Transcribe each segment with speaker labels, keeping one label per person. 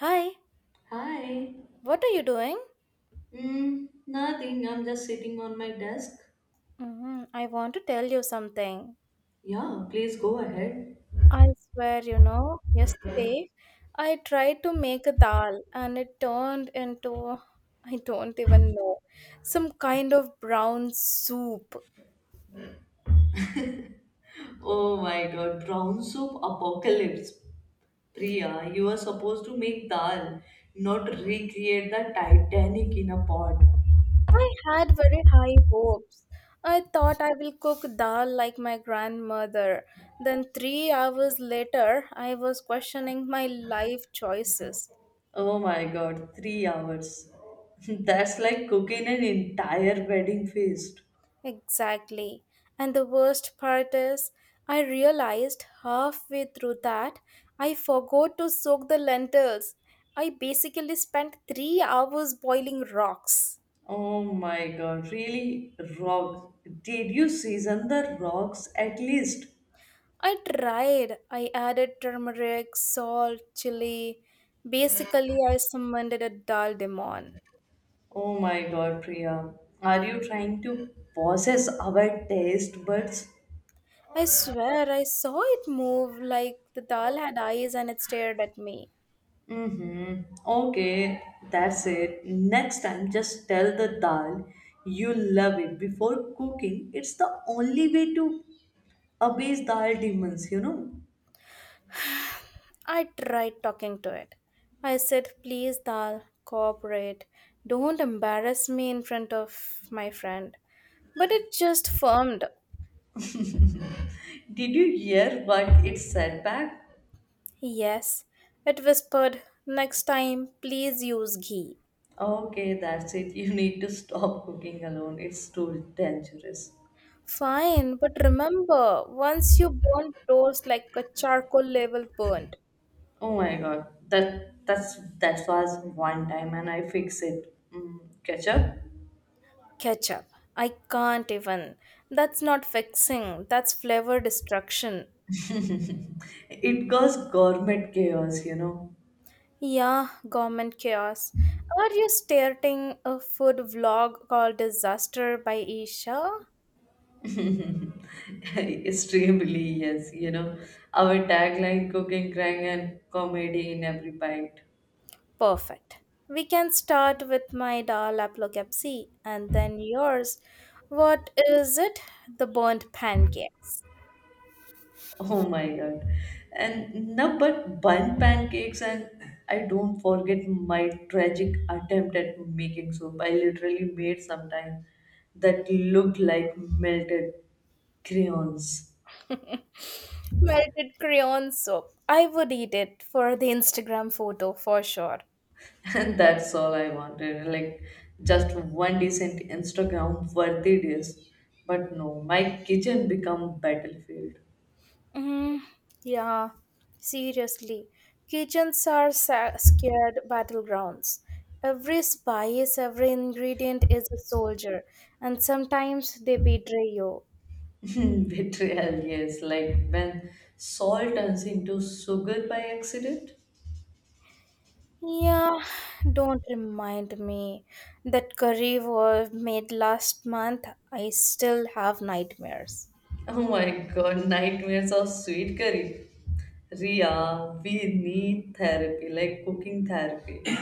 Speaker 1: Hi,
Speaker 2: Hi.
Speaker 1: what are you doing?
Speaker 2: Nothing. I'm just sitting on my desk.
Speaker 1: I want to tell you something.
Speaker 2: Yeah, please go ahead.
Speaker 1: I swear, yesterday I tried to make a dal and it turned into, I don't even know, some kind of brown soup.
Speaker 2: Oh my god, brown soup apocalypse. Priya, you are supposed to make dal, not recreate the Titanic in a pot.
Speaker 1: I had very high hopes. I thought I will cook dal like my grandmother. Then, 3 hours later, I was questioning my life choices.
Speaker 2: Oh my god, 3 hours. That's like cooking an entire wedding feast.
Speaker 1: Exactly. And the worst part is, I realized halfway through that I forgot to soak the lentils. I basically spent 3 hours boiling rocks.
Speaker 2: Oh my god, really? Rock. Did you season the rocks at least?
Speaker 1: I tried. I added turmeric, salt, chili. Basically, I summoned a dal demon.
Speaker 2: Oh my god, Priya. Are you trying to possess our taste buds?
Speaker 1: I swear I saw it move like the dal had eyes and it stared at me.
Speaker 2: Mm-hmm. Okay, that's it. Next time, just tell the dal you love it before cooking. It's the only way to abase dal demons.
Speaker 1: I tried talking to it. I said, please, Dal, cooperate. Don't embarrass me in front of my friend. But it just firmed.
Speaker 2: Did you hear what it said back?
Speaker 1: Yes, it whispered, next time, please use ghee.
Speaker 2: Okay, that's it. You need to stop cooking alone. It's too dangerous.
Speaker 1: Fine, but remember, once you burn toast like a charcoal level burnt,
Speaker 2: Oh my god, that was one time, and I fix it. Ketchup,
Speaker 1: ketchup. I can't even. That's not fixing, that's flavor destruction.
Speaker 2: it goes gourmet chaos.
Speaker 1: Yeah, government chaos. Are you starting a food vlog called Disaster by Isha?
Speaker 2: Extremely yes. Our tagline: cooking, crying, and comedy in every bite.
Speaker 1: Perfect. We can start with my dal aplokepsi and then yours. What is it? The burnt pancakes.
Speaker 2: Oh my god, and no, but bun pancakes, and I don't forget my tragic attempt at making soup. I literally made sometimes that looked like melted crayons.
Speaker 1: Melted crayon soup. I would eat it for the Instagram photo for sure.
Speaker 2: And that's all I wanted. Like just one decent Instagram worthy dish. But no, my kitchen become battlefield.
Speaker 1: Mm, yeah, seriously. Kitchens are scared battlegrounds. Every spice, every ingredient is a soldier, and sometimes they betray you.
Speaker 2: Betrayal, yes. Like when salt turns into sugar by accident.
Speaker 1: Yeah, don't remind me. That curry was made last month. I still have nightmares.
Speaker 2: Oh my god, nightmares of sweet curry. Ria, we need therapy, like cooking therapy.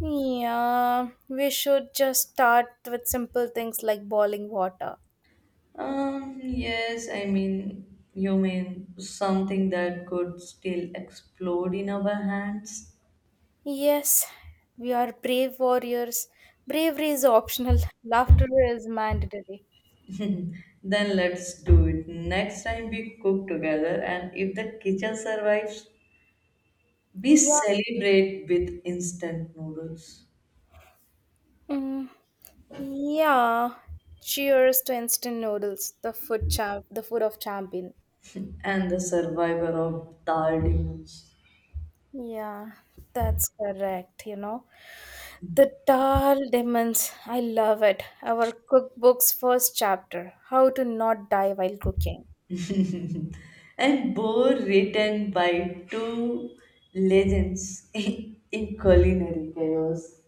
Speaker 1: Yeah, we should just start with simple things like boiling water.
Speaker 2: Yes, I mean, you mean something that could still explode in our hands?
Speaker 1: Yes, we are brave warriors. Bravery is optional, laughter is mandatory.
Speaker 2: Then let's do it. Next time we cook together, and if the kitchen survives, we
Speaker 1: Yeah.
Speaker 2: celebrate with instant noodles
Speaker 1: Mm, yeah. Cheers to instant noodles, the food champ, the food of champion.
Speaker 2: and the survivor of dal demons.
Speaker 1: Yeah, that's correct, The Dal Demons, I love it. Our cookbook's first chapter, How to Not Die While Cooking.
Speaker 2: And both written by two legends in culinary chaos.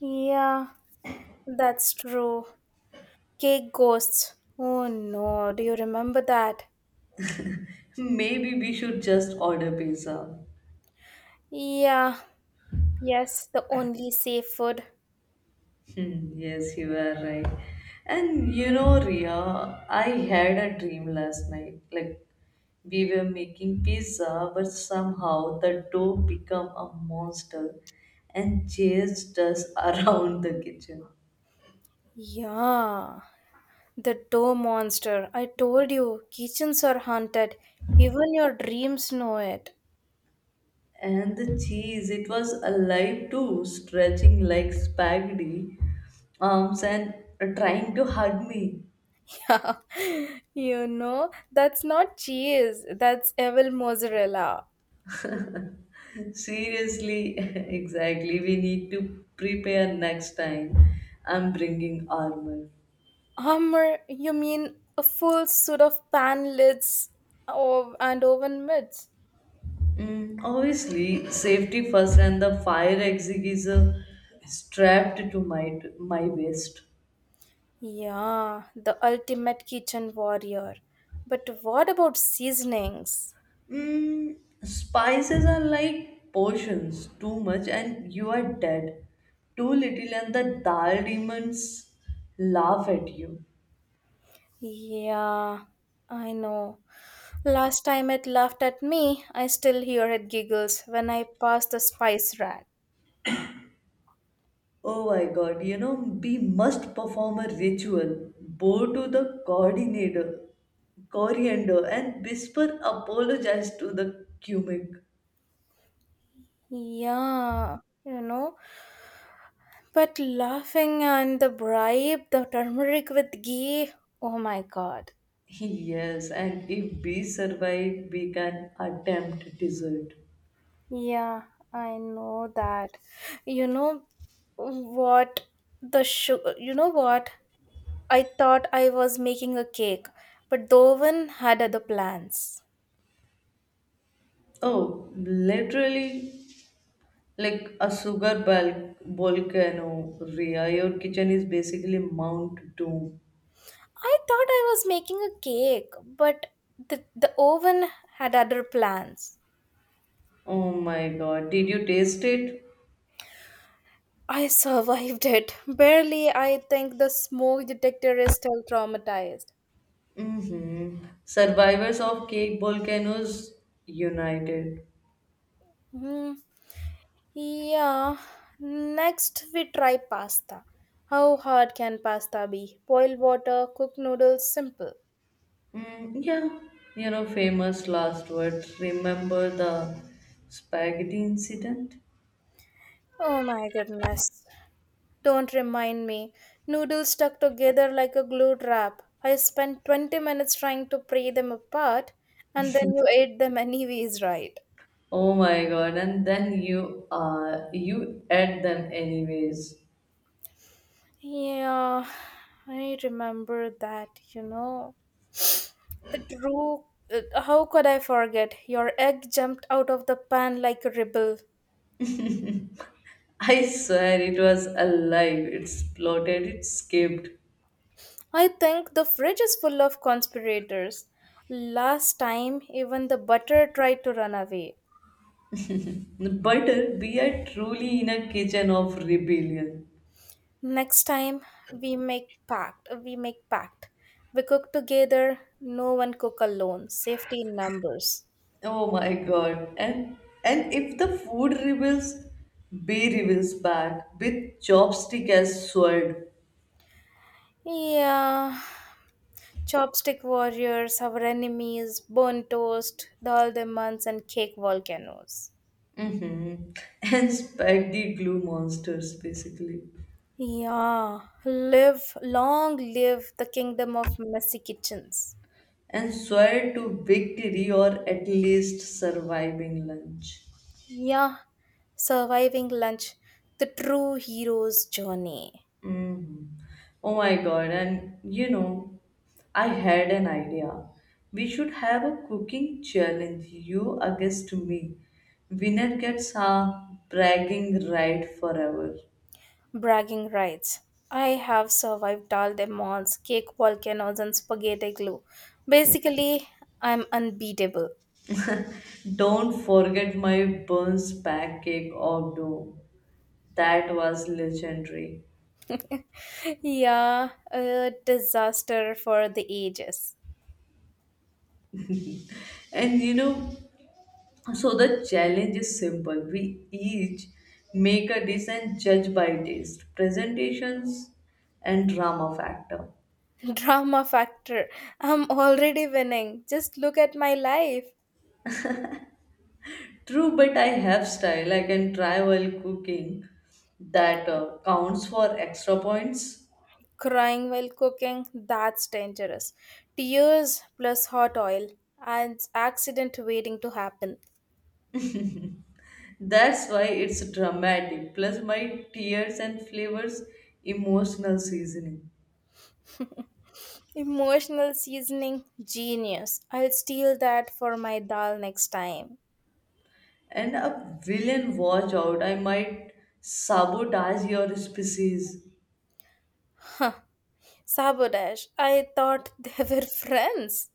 Speaker 1: Yeah, that's true. Cake ghosts. Oh no, do you remember that?
Speaker 2: Maybe we should just order pizza.
Speaker 1: Yeah, yes, the only safe food.
Speaker 2: Hmm, yes, you are right. And you know, Ria, I had a dream last night. Like we were making pizza, but somehow the dough became a monster and chased us around the kitchen.
Speaker 1: Yeah, the dough monster. I told you, kitchens are haunted. Even your dreams know it.
Speaker 2: And the cheese, it was alive too, stretching like spaghetti arms and trying to hug me.
Speaker 1: Yeah, that's not cheese, that's evil mozzarella.
Speaker 2: Seriously, exactly. We need to prepare next time. I'm bringing armor.
Speaker 1: Hummer, you mean a full suit of pan lids and oven mitts?
Speaker 2: Obviously, safety first, and the fire extinguisher strapped to my waist.
Speaker 1: Yeah, the ultimate kitchen warrior. But what about seasonings?
Speaker 2: Mm, Spices are like potions, too much, and you are dead. Too little, and the dal demons laugh at you.
Speaker 1: Yeah, I know. Last time it laughed at me, I still hear it giggles when I pass the spice rack.
Speaker 2: Oh my god, you know, we must perform a ritual, bow to the coordinator, coriander, and whisper apologize to the cumic.
Speaker 1: Yeah, you know, but laughing and the bribe, the turmeric with ghee, oh my god.
Speaker 2: Yes, and if we survive, we can attempt dessert.
Speaker 1: Yeah, I know that. You know what the sugar, you know what? I thought I was making a cake, but the oven had other plans.
Speaker 2: Oh, literally like a sugar volcano, Rhea. Your kitchen is basically Mount Doom.
Speaker 1: I thought I was making a cake, but the oven had other plans.
Speaker 2: Oh my god, did you taste it?
Speaker 1: I survived it. Barely, I think the smoke detector is still traumatized.
Speaker 2: Mm-hmm. Survivors of Cake Volcanoes United.
Speaker 1: Hmm. Yeah. Next, we try pasta. How hard can pasta be? Boil water, cook noodles, simple.
Speaker 2: Mm, yeah. You know, famous last words. Remember the spaghetti incident?
Speaker 1: Oh my goodness. Don't remind me. Noodles stuck together like a glue trap. I spent 20 minutes trying to pry them apart, and then you ate them anyways, right?
Speaker 2: Oh my god, and then you you ate them anyways.
Speaker 1: Yeah, I remember that, you know. The true. How could I forget? Your egg jumped out of the pan like a rebel.
Speaker 2: I swear it was alive, it splotted, it skipped.
Speaker 1: I think the fridge is full of conspirators. Last time, even the butter tried to run away.
Speaker 2: But we are truly in a kitchen of rebellion.
Speaker 1: Next time we make pact, we make pact. We cook together, no one cook alone. Safety in numbers.
Speaker 2: Oh my god. And if the food reveals, B rebels back with chopstick as sword.
Speaker 1: Yeah. Chopstick warriors, our enemies, bone toast, dal demons and cake volcanoes.
Speaker 2: Mm-hmm. And spike glue monsters basically.
Speaker 1: Yeah. Live long live the kingdom of messy kitchens.
Speaker 2: And swear to victory or at least surviving lunch.
Speaker 1: Yeah. Surviving lunch, the true hero's journey.
Speaker 2: Mhm. Oh my God. And you know, I had an idea. We should have a cooking challenge, you against me. Winner gets a bragging right forever.
Speaker 1: Bragging rights. I have survived all the malls, cake volcanoes, and spaghetti glue. Basically, I'm unbeatable.
Speaker 2: Don't forget my Burns pancake or dough. That was legendary.
Speaker 1: Yeah, a disaster for the ages.
Speaker 2: And you know, so the challenge is simple. We each make a dish and judge by taste, presentations, and drama factor.
Speaker 1: Drama factor. I'm already winning. Just look at my life.
Speaker 2: True, but I have style. I can try while cooking. That counts for extra points.
Speaker 1: Crying while cooking, that's dangerous. Tears plus hot oil, and accident waiting to happen.
Speaker 2: That's why it's dramatic. Plus, my tears and flavors, emotional seasoning.
Speaker 1: Emotional seasoning, genius. I'll steal that for my dal next time.
Speaker 2: And a villain watch out. I might sabotage your species
Speaker 1: Huh. Sabotage. I thought they were friends.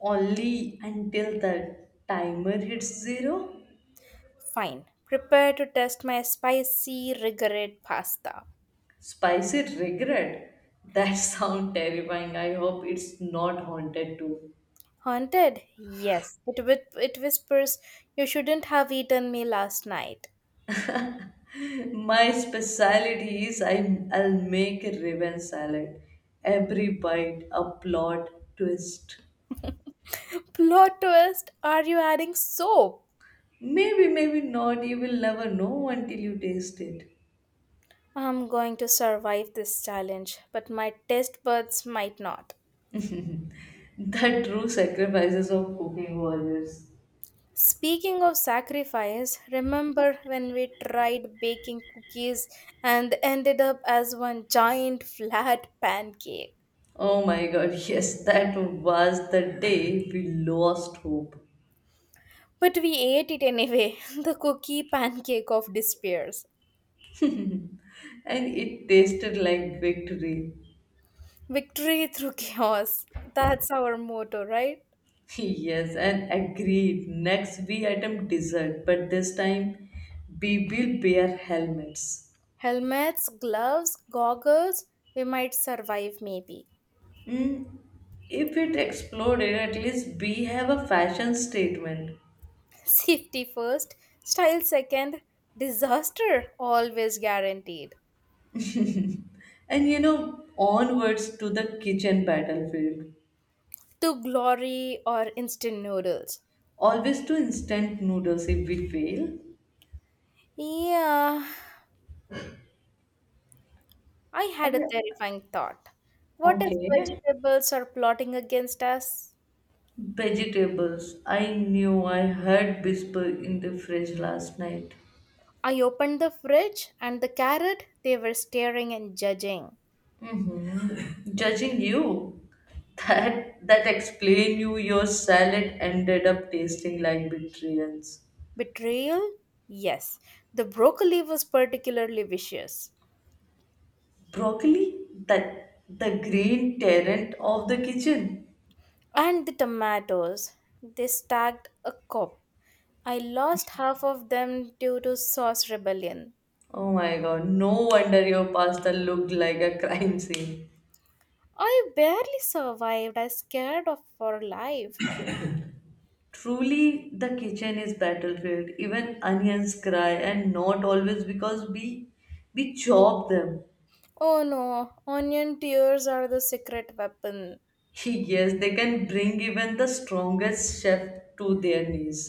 Speaker 2: only until the timer hits zero.
Speaker 1: Fine. Prepare to test my spicy rigorate pasta.
Speaker 2: Spicy regret. That sound terrifying. I hope it's not haunted too.
Speaker 1: Haunted? Yes. It, it whispers, you shouldn't have eaten me last night.
Speaker 2: My speciality is I'll make a raven salad. Every bite, a plot twist.
Speaker 1: Plot twist. Are you adding soap?
Speaker 2: Maybe, maybe not. You will never know until you taste it.
Speaker 1: I'm going to survive this challenge, but my taste buds might not.
Speaker 2: The true sacrifices of cooking warriors.
Speaker 1: Speaking of sacrifice, remember when we tried baking cookies and ended up as one giant flat pancake?
Speaker 2: Oh my god, yes, that was the day we lost hope.
Speaker 1: But we ate it anyway, the cookie pancake of despairs.
Speaker 2: And it tasted like victory.
Speaker 1: Victory through chaos. That's our motto, right?
Speaker 2: Yes, and agreed. Next, we item dessert, but this time we will wear helmets.
Speaker 1: Helmets, gloves, goggles, we might survive maybe.
Speaker 2: Mm, if it exploded, at least we have a fashion statement.
Speaker 1: Safety first, style second, disaster always guaranteed.
Speaker 2: And you know, onwards to the kitchen battlefield.
Speaker 1: To glory or instant noodles.
Speaker 2: Always to instant noodles if we fail.
Speaker 1: Yeah, I had a terrifying thought. What if
Speaker 2: Okay.
Speaker 1: vegetables are plotting against us?
Speaker 2: Vegetables. I knew I heard whisper in the fridge last night.
Speaker 1: I opened the fridge and the carrot, they were staring and judging.
Speaker 2: Mm-hmm. Judging you. That explain you your salad ended up tasting like betrayals.
Speaker 1: Betrayal? Yes. The broccoli was particularly vicious.
Speaker 2: Broccoli, that the green tyrant of the kitchen.
Speaker 1: And the tomatoes, they stacked a cup. I lost half of them due to sauce rebellion.
Speaker 2: Oh my god, no wonder your pasta looked like a crime scene.
Speaker 1: I barely survived. I scared of for life.
Speaker 2: Truly, the kitchen is battlefield, even onions cry and not always because we chop them.
Speaker 1: Oh no, onion tears are the secret weapon.
Speaker 2: Yes, they can bring even the strongest chef to their knees.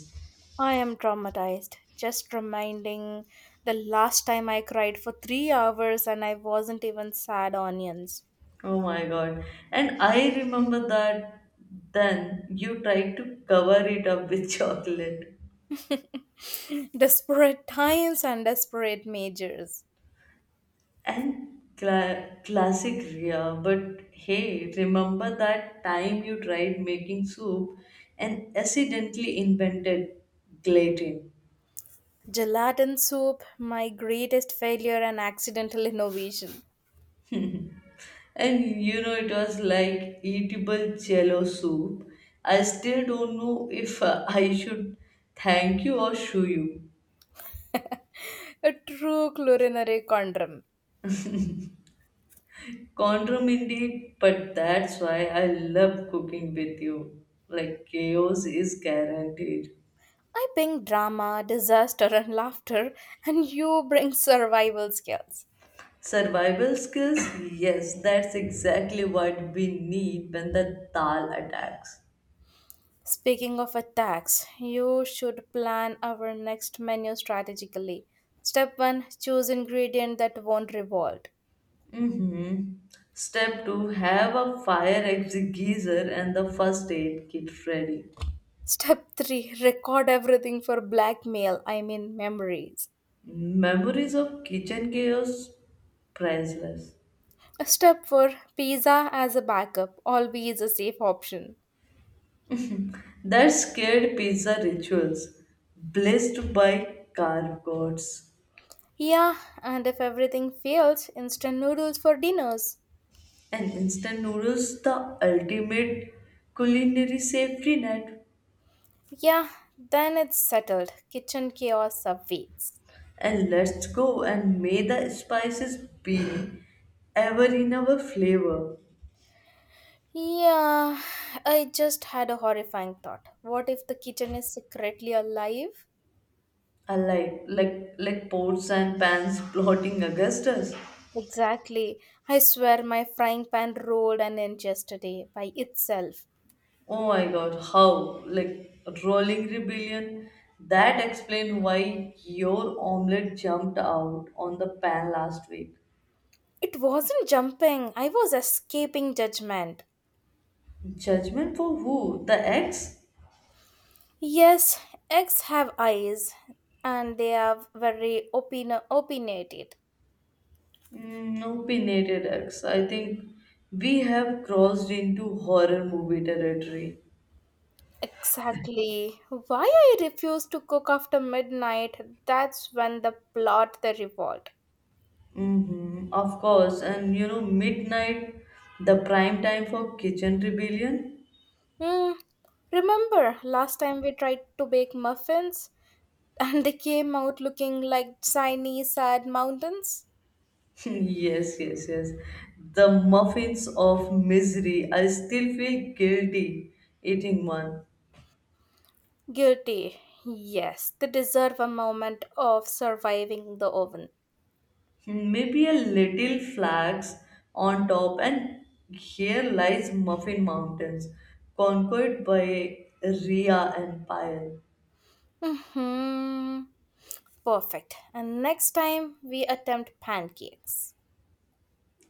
Speaker 1: I am traumatized. Just reminding the last time I cried for 3 hours and I wasn't even sad onions.
Speaker 2: Oh my god. And I remember that then you tried to cover it up with chocolate.
Speaker 1: Desperate times and desperate measures.
Speaker 2: And classic Ria, but hey, remember that time you tried making soup and accidentally invented gelatin?
Speaker 1: Gelatin soup, my greatest failure and accidental innovation.
Speaker 2: And you know, it was like eatable jello soup. I still don't know if I should thank you or shoo you.
Speaker 1: A true culinary conundrum.
Speaker 2: Condom indeed, but that's why I love cooking with you. Like, chaos is guaranteed.
Speaker 1: I bring drama, disaster, and laughter, and you bring survival skills.
Speaker 2: Survival skills? Yes, that's exactly what we need when the Dal attacks.
Speaker 1: Speaking of attacks, you should plan our next menu strategically. Step 1, choose ingredient that won't revolt.
Speaker 2: Mm-hmm. Step 2, have a fire extinguisher and the first aid kit ready.
Speaker 1: Step 3, record everything for blackmail, I mean memories.
Speaker 2: Memories of kitchen chaos? Priceless.
Speaker 1: Step 4, pizza as a backup, always a safe option.
Speaker 2: That scared pizza rituals, blessed by carb gods.
Speaker 1: Yeah, and if everything fails, instant noodles for dinners.
Speaker 2: And instant noodles, the ultimate culinary safety net.
Speaker 1: Yeah, then it's settled. Kitchen chaos awaits.
Speaker 2: And let's go and may the spices be ever in our flavor.
Speaker 1: Yeah, I just had a horrifying thought. What if the kitchen is secretly alive?
Speaker 2: Alike, like pots and pans plotting augustus.
Speaker 1: Exactly. I swear my frying pan rolled an inch yesterday by itself.
Speaker 2: Oh my god, how, like rolling rebellion, that explains why your omelette jumped out on the pan last week.
Speaker 1: It wasn't jumping, I was escaping judgment.
Speaker 2: Judgment for who? The eggs?
Speaker 1: Yes, eggs have eyes and they are very opinionated.
Speaker 2: No pinnated eggs, I think we have crossed into horror movie territory.
Speaker 1: Exactly. Why I refuse to cook after midnight, that's when the plot the revolt.
Speaker 2: Mm-hmm, of course, and you know, midnight, the prime time for kitchen rebellion.
Speaker 1: Hmm. Remember last time we tried to bake muffins and they came out looking like shiny, sad mountains?
Speaker 2: Yes, yes, yes. The muffins of misery. I still feel guilty eating one.
Speaker 1: Guilty. Yes, they deserve a moment of surviving the oven.
Speaker 2: Hmm, maybe a little flax on top, and here lies Muffin Mountains, conquered by Rhea Empire.
Speaker 1: Hmm. Perfect. And next time we attempt pancakes.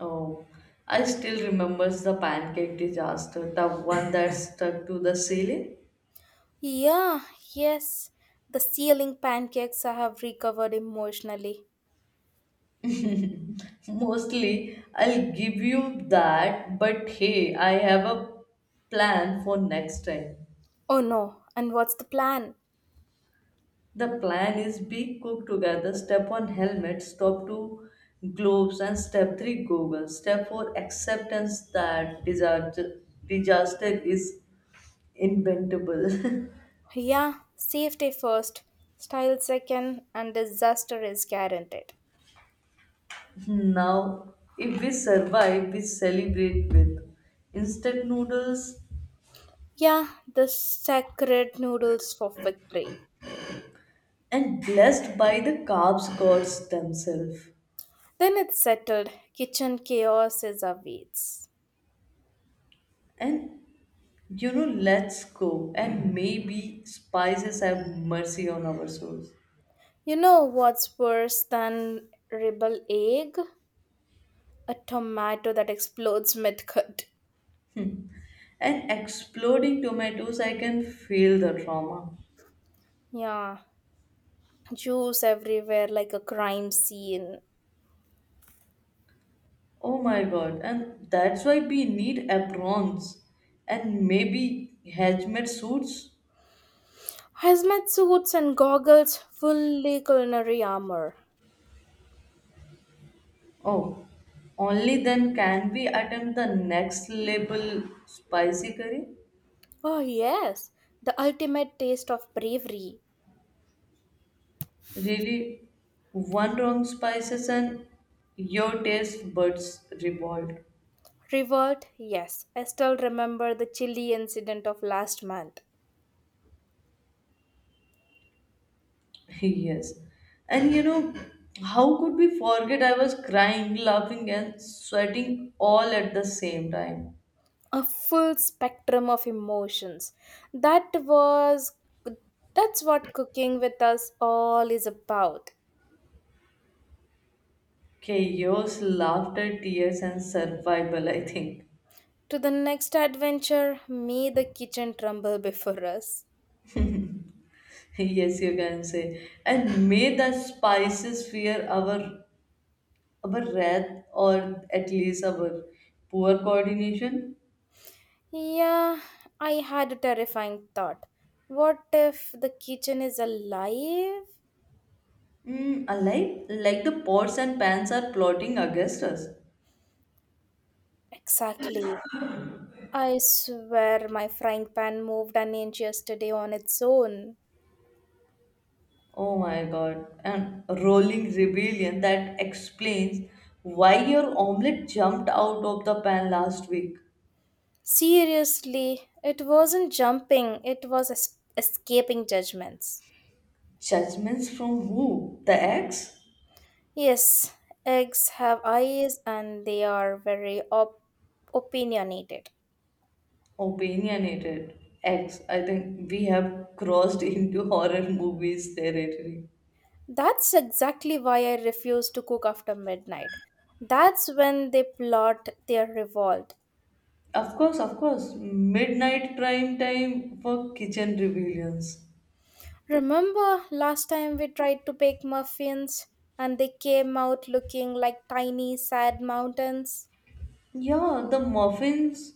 Speaker 2: Oh, I still remembers the pancake disaster, the one that stuck to the ceiling.
Speaker 1: Yeah, yes. The ceiling pancakes I have recovered emotionally.
Speaker 2: Mostly, I'll give you that, but hey, I have a plan for next time.
Speaker 1: Oh no, and what's the plan?
Speaker 2: The plan is be cook together, step one helmet, step two gloves, and step three goggles. Step four, acceptance that disaster is inventable.
Speaker 1: Yeah, safety first, style second, and disaster is guaranteed.
Speaker 2: Now, if we survive, we celebrate with instant noodles
Speaker 1: Yeah, the sacred noodles for victory.
Speaker 2: and blessed by the carbs gods themselves.
Speaker 1: Then it's settled. Kitchen chaos is awaits.
Speaker 2: And you know, let's go and maybe spices have mercy on our souls.
Speaker 1: You know what's worse than rebel egg? A tomato that explodes mid-cut.
Speaker 2: And exploding tomatoes, I can feel the trauma.
Speaker 1: Yeah, juice everywhere like a crime scene.
Speaker 2: Oh my god, and that's why we need aprons and maybe hazmat suits.
Speaker 1: Hazmat suits and goggles, fully culinary armor.
Speaker 2: Oh, only then can we attempt the next level spicy curry.
Speaker 1: Oh yes, the ultimate taste of bravery.
Speaker 2: Really, one wrong spices and your taste buds revolt.
Speaker 1: Revolt? Yes. I still remember the chilly incident of last month.
Speaker 2: Yes. And you know, how could we forget? I was crying, laughing, and sweating all at the same time.
Speaker 1: A full spectrum of emotions. That was that's what cooking with us all is about.
Speaker 2: Chaos, laughter, tears, and survival, I think.
Speaker 1: To the next adventure, may the kitchen tremble before us.
Speaker 2: Yes, you can say. And may the spices fear our wrath or at least our poor coordination.
Speaker 1: Yeah, I had a terrifying thought. What if the kitchen is alive?
Speaker 2: Alike, like the pots and pans are plotting against us.
Speaker 1: Exactly. I swear my frying pan moved an inch yesterday on its own.
Speaker 2: Oh my god, and rolling rebellion, that explains why your omelette jumped out of the pan last week.
Speaker 1: Seriously, it wasn't jumping, it was escaping judgments.
Speaker 2: Judgments from who? The ex?
Speaker 1: Yes, eggs have eyes and they are very opinionated.
Speaker 2: Opinionated ex. I think we have crossed into horror movies territory.
Speaker 1: That's exactly why I refuse to cook after midnight. That's when they plot their revolt.
Speaker 2: Of course, of course. Midnight prime time for kitchen rebellions.
Speaker 1: Remember last time we tried to bake muffins and they came out looking like tiny sad mountains?
Speaker 2: Yeah, the muffins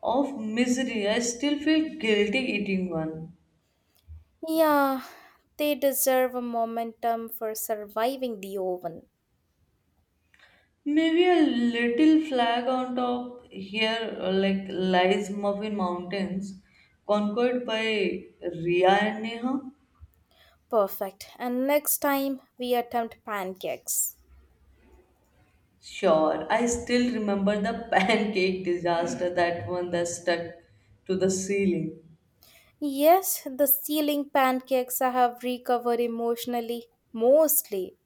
Speaker 2: of misery. I still feel guilty eating one.
Speaker 1: Yeah, they deserve a momentum for surviving the oven.
Speaker 2: Maybe a little flag on top here, like lies Muffin Mountains, conquered by Ria and Neha.
Speaker 1: Perfect. And next time we attempt pancakes.
Speaker 2: Sure, I still remember the pancake disaster, that one that stuck to the ceiling.
Speaker 1: Yes, the ceiling pancakes I have recovered emotionally, mostly.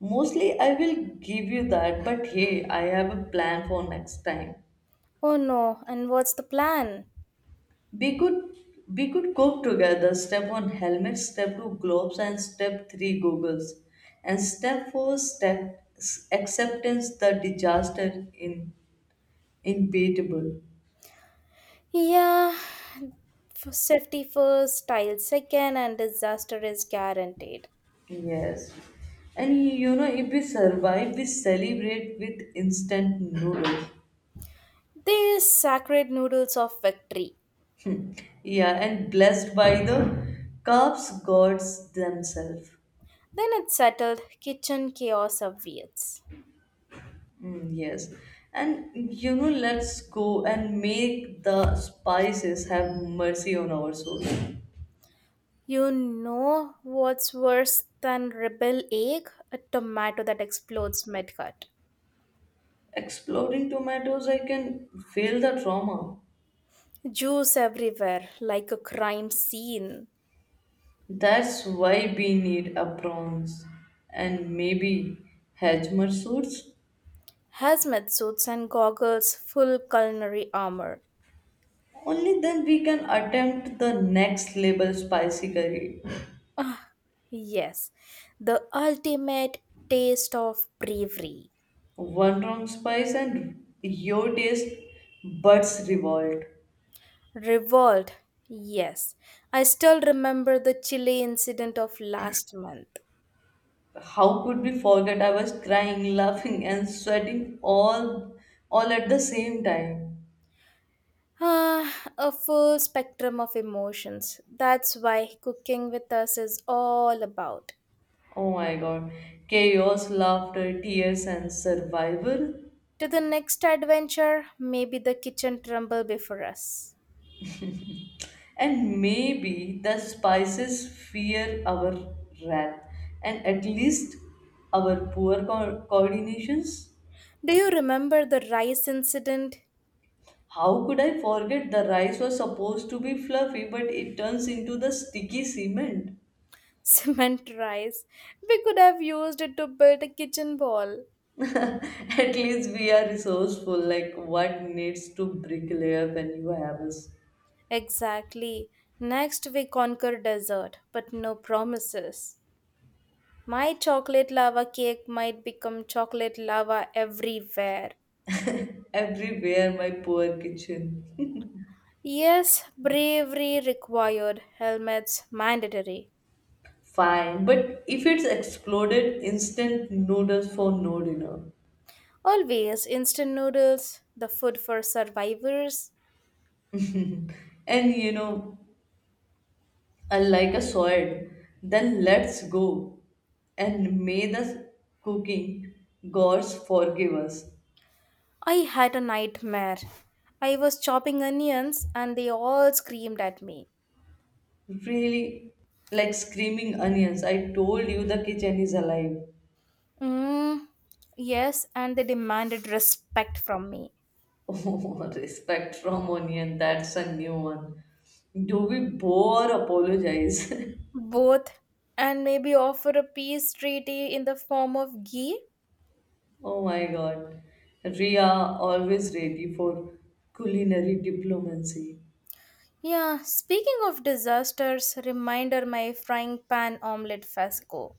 Speaker 2: Mostly, I will give you that, but hey, I have a plan for next time.
Speaker 1: Oh no, and what's the plan?
Speaker 2: We could we could cope together. Step one helmet, step two gloves, and step three goggles. And step four acceptance the disaster in inevitable.
Speaker 1: Yeah, safety first, style second, and disaster is guaranteed.
Speaker 2: Yes. And you know, if we survive, we celebrate with instant noodles.
Speaker 1: These sacred noodles of victory.
Speaker 2: Yeah, and blessed by the carbs gods themselves.
Speaker 1: Then it's settled, kitchen chaos awaits.
Speaker 2: Mm, yes. And you know, let's go and make the spices have mercy on our souls.
Speaker 1: You know what's worse than rebel egg? A tomato that explodes mid-cut.
Speaker 2: Exploding tomatoes, I can feel the trauma.
Speaker 1: Juice everywhere, like a crime scene.
Speaker 2: That's why we need a prawns and maybe Hajmer suits.
Speaker 1: Hazmat suits and goggles, full culinary armor.
Speaker 2: Only then we can attempt the next level spicy curry.
Speaker 1: Ah, yes, the ultimate taste of bravery.
Speaker 2: One wrong spice and your taste buds revolt.
Speaker 1: Revolt, yes. I still remember the chili incident of last month.
Speaker 2: How could we forget? I was crying, laughing, and sweating all at the same time.
Speaker 1: Ah, a full spectrum of emotions. That's why cooking with us is all about.
Speaker 2: Oh my god. Chaos, laughter, tears, and survival.
Speaker 1: To the next adventure, maybe the kitchen tremble before us.
Speaker 2: And maybe the spices fear our wrath and at least our poor coordinations.
Speaker 1: Do you remember the rice incident?
Speaker 2: How could I forget the rice was supposed to be fluffy but it turns into the sticky cement?
Speaker 1: Cement rice. We could have used it to build a kitchen wall.
Speaker 2: At least we are resourceful. Like what needs to bricklayer when you have us.
Speaker 1: Exactly. Next, we conquer dessert. But no promises. My chocolate lava cake might become chocolate lava everywhere.
Speaker 2: Everywhere? My poor kitchen.
Speaker 1: Yes, bravery required, helmets mandatory.
Speaker 2: Fine, but if it's exploded, instant noodles for no dinner.
Speaker 1: Always instant noodles, the food for survivors.
Speaker 2: And you know, unlike a sword, then let's go. And may the cooking gods forgive us.
Speaker 1: I had a nightmare. I was chopping onions and they all screamed at me.
Speaker 2: Really, like screaming onions. I told you the kitchen is alive.
Speaker 1: Mm, yes, and they demanded respect from me.
Speaker 2: Oh, respect from Onion, that's a new one. Do we bow or apologize?
Speaker 1: Both, and maybe offer a peace treaty in the form of ghee.
Speaker 2: Oh my god. Ria always ready for culinary diplomacy.
Speaker 1: Yeah, speaking of disasters, reminder my frying pan omelette fiasco.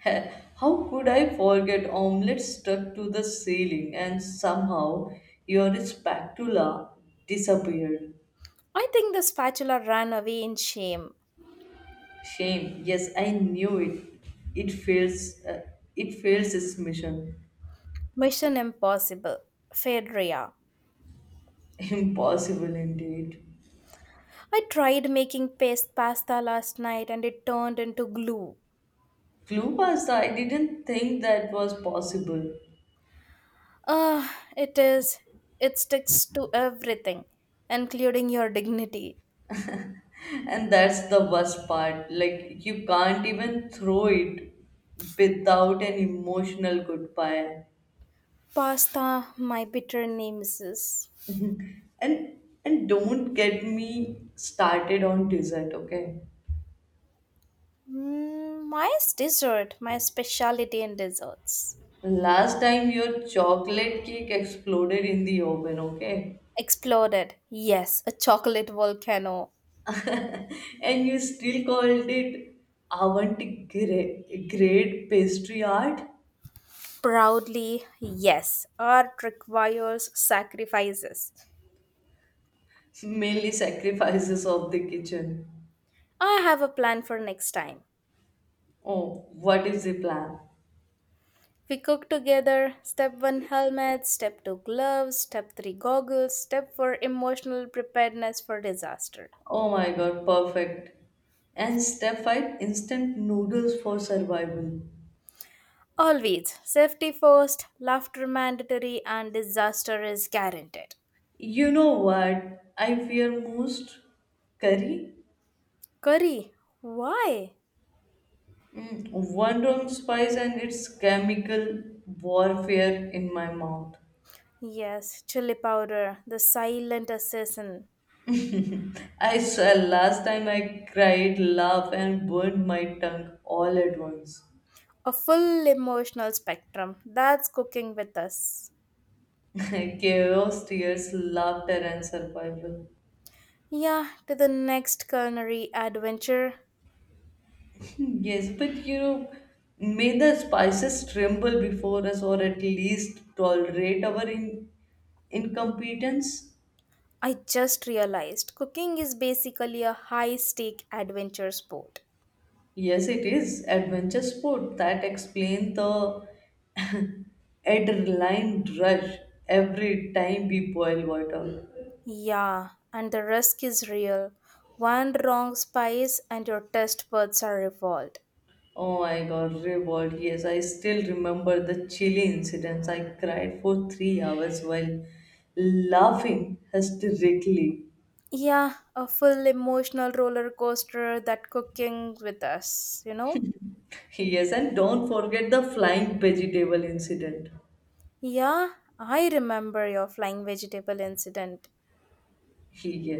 Speaker 2: Heh, how could I forget? Omelette stuck to the ceiling and somehow your spatula disappeared?
Speaker 1: I think the spatula ran away in shame.
Speaker 2: Shame. Yes, I knew it. It fails. It fails its mission.
Speaker 1: Mission impossible. Fedria.
Speaker 2: Impossible indeed.
Speaker 1: I tried making paste pasta last night and it turned into glue.
Speaker 2: Clue pasta, I didn't think that was possible.
Speaker 1: Ah, it is. It sticks to everything, including your dignity.
Speaker 2: And that's the worst part. Like, you can't even throw it without an emotional goodbye.
Speaker 1: Pasta, my bitter nemesis.
Speaker 2: And and don't get me started on dessert, okay?
Speaker 1: My dessert, my specialty in desserts.
Speaker 2: Last time your chocolate cake exploded in the oven, okay?
Speaker 1: Exploded. Yes, a chocolate volcano.
Speaker 2: And you still called it avant grade pastry art,
Speaker 1: Proudly, yes. Art requires sacrifices.
Speaker 2: mainly sacrifices of the kitchen.
Speaker 1: I have a plan for next time.
Speaker 2: Oh, what is the plan?
Speaker 1: We cook together. Step 1, helmet, step 2, gloves, step 3, goggles, step 4, emotional preparedness for disaster.
Speaker 2: Oh my god, perfect. And step 5, instant noodles for survival.
Speaker 1: Always safety first, laughter mandatory, and disaster is guaranteed.
Speaker 2: You know what? I fear most curry.
Speaker 1: Curry, why?
Speaker 2: One wrong spice and it's chemical warfare in my mouth.
Speaker 1: Yes, chili powder, the silent assassin.
Speaker 2: I swear, last time I cried, laughed, and burned my tongue all at once.
Speaker 1: A full emotional spectrum. That's cooking with us.
Speaker 2: Chaos, tears, laughter, and survival.
Speaker 1: Yeah, to the next culinary adventure.
Speaker 2: Yes, but you know, may the spices tremble before us or at least tolerate our incompetence.
Speaker 1: I just realized cooking is basically a high stake adventure sport.
Speaker 2: Yes, it is adventure sport that explains the adrenaline rush every time we boil water.
Speaker 1: Yeah, and the risk is real. One wrong spice and your taste buds are revolved.
Speaker 2: Oh my god, reward. Yes, I still remember the chilly incidents. I cried for 3 hours while laughing hysterically.
Speaker 1: Yeah, a full emotional roller coaster that cooking with us, you know?
Speaker 2: Yes, and don't forget the flying vegetable incident.
Speaker 1: Yeah, I remember your flying vegetable incident.
Speaker 2: he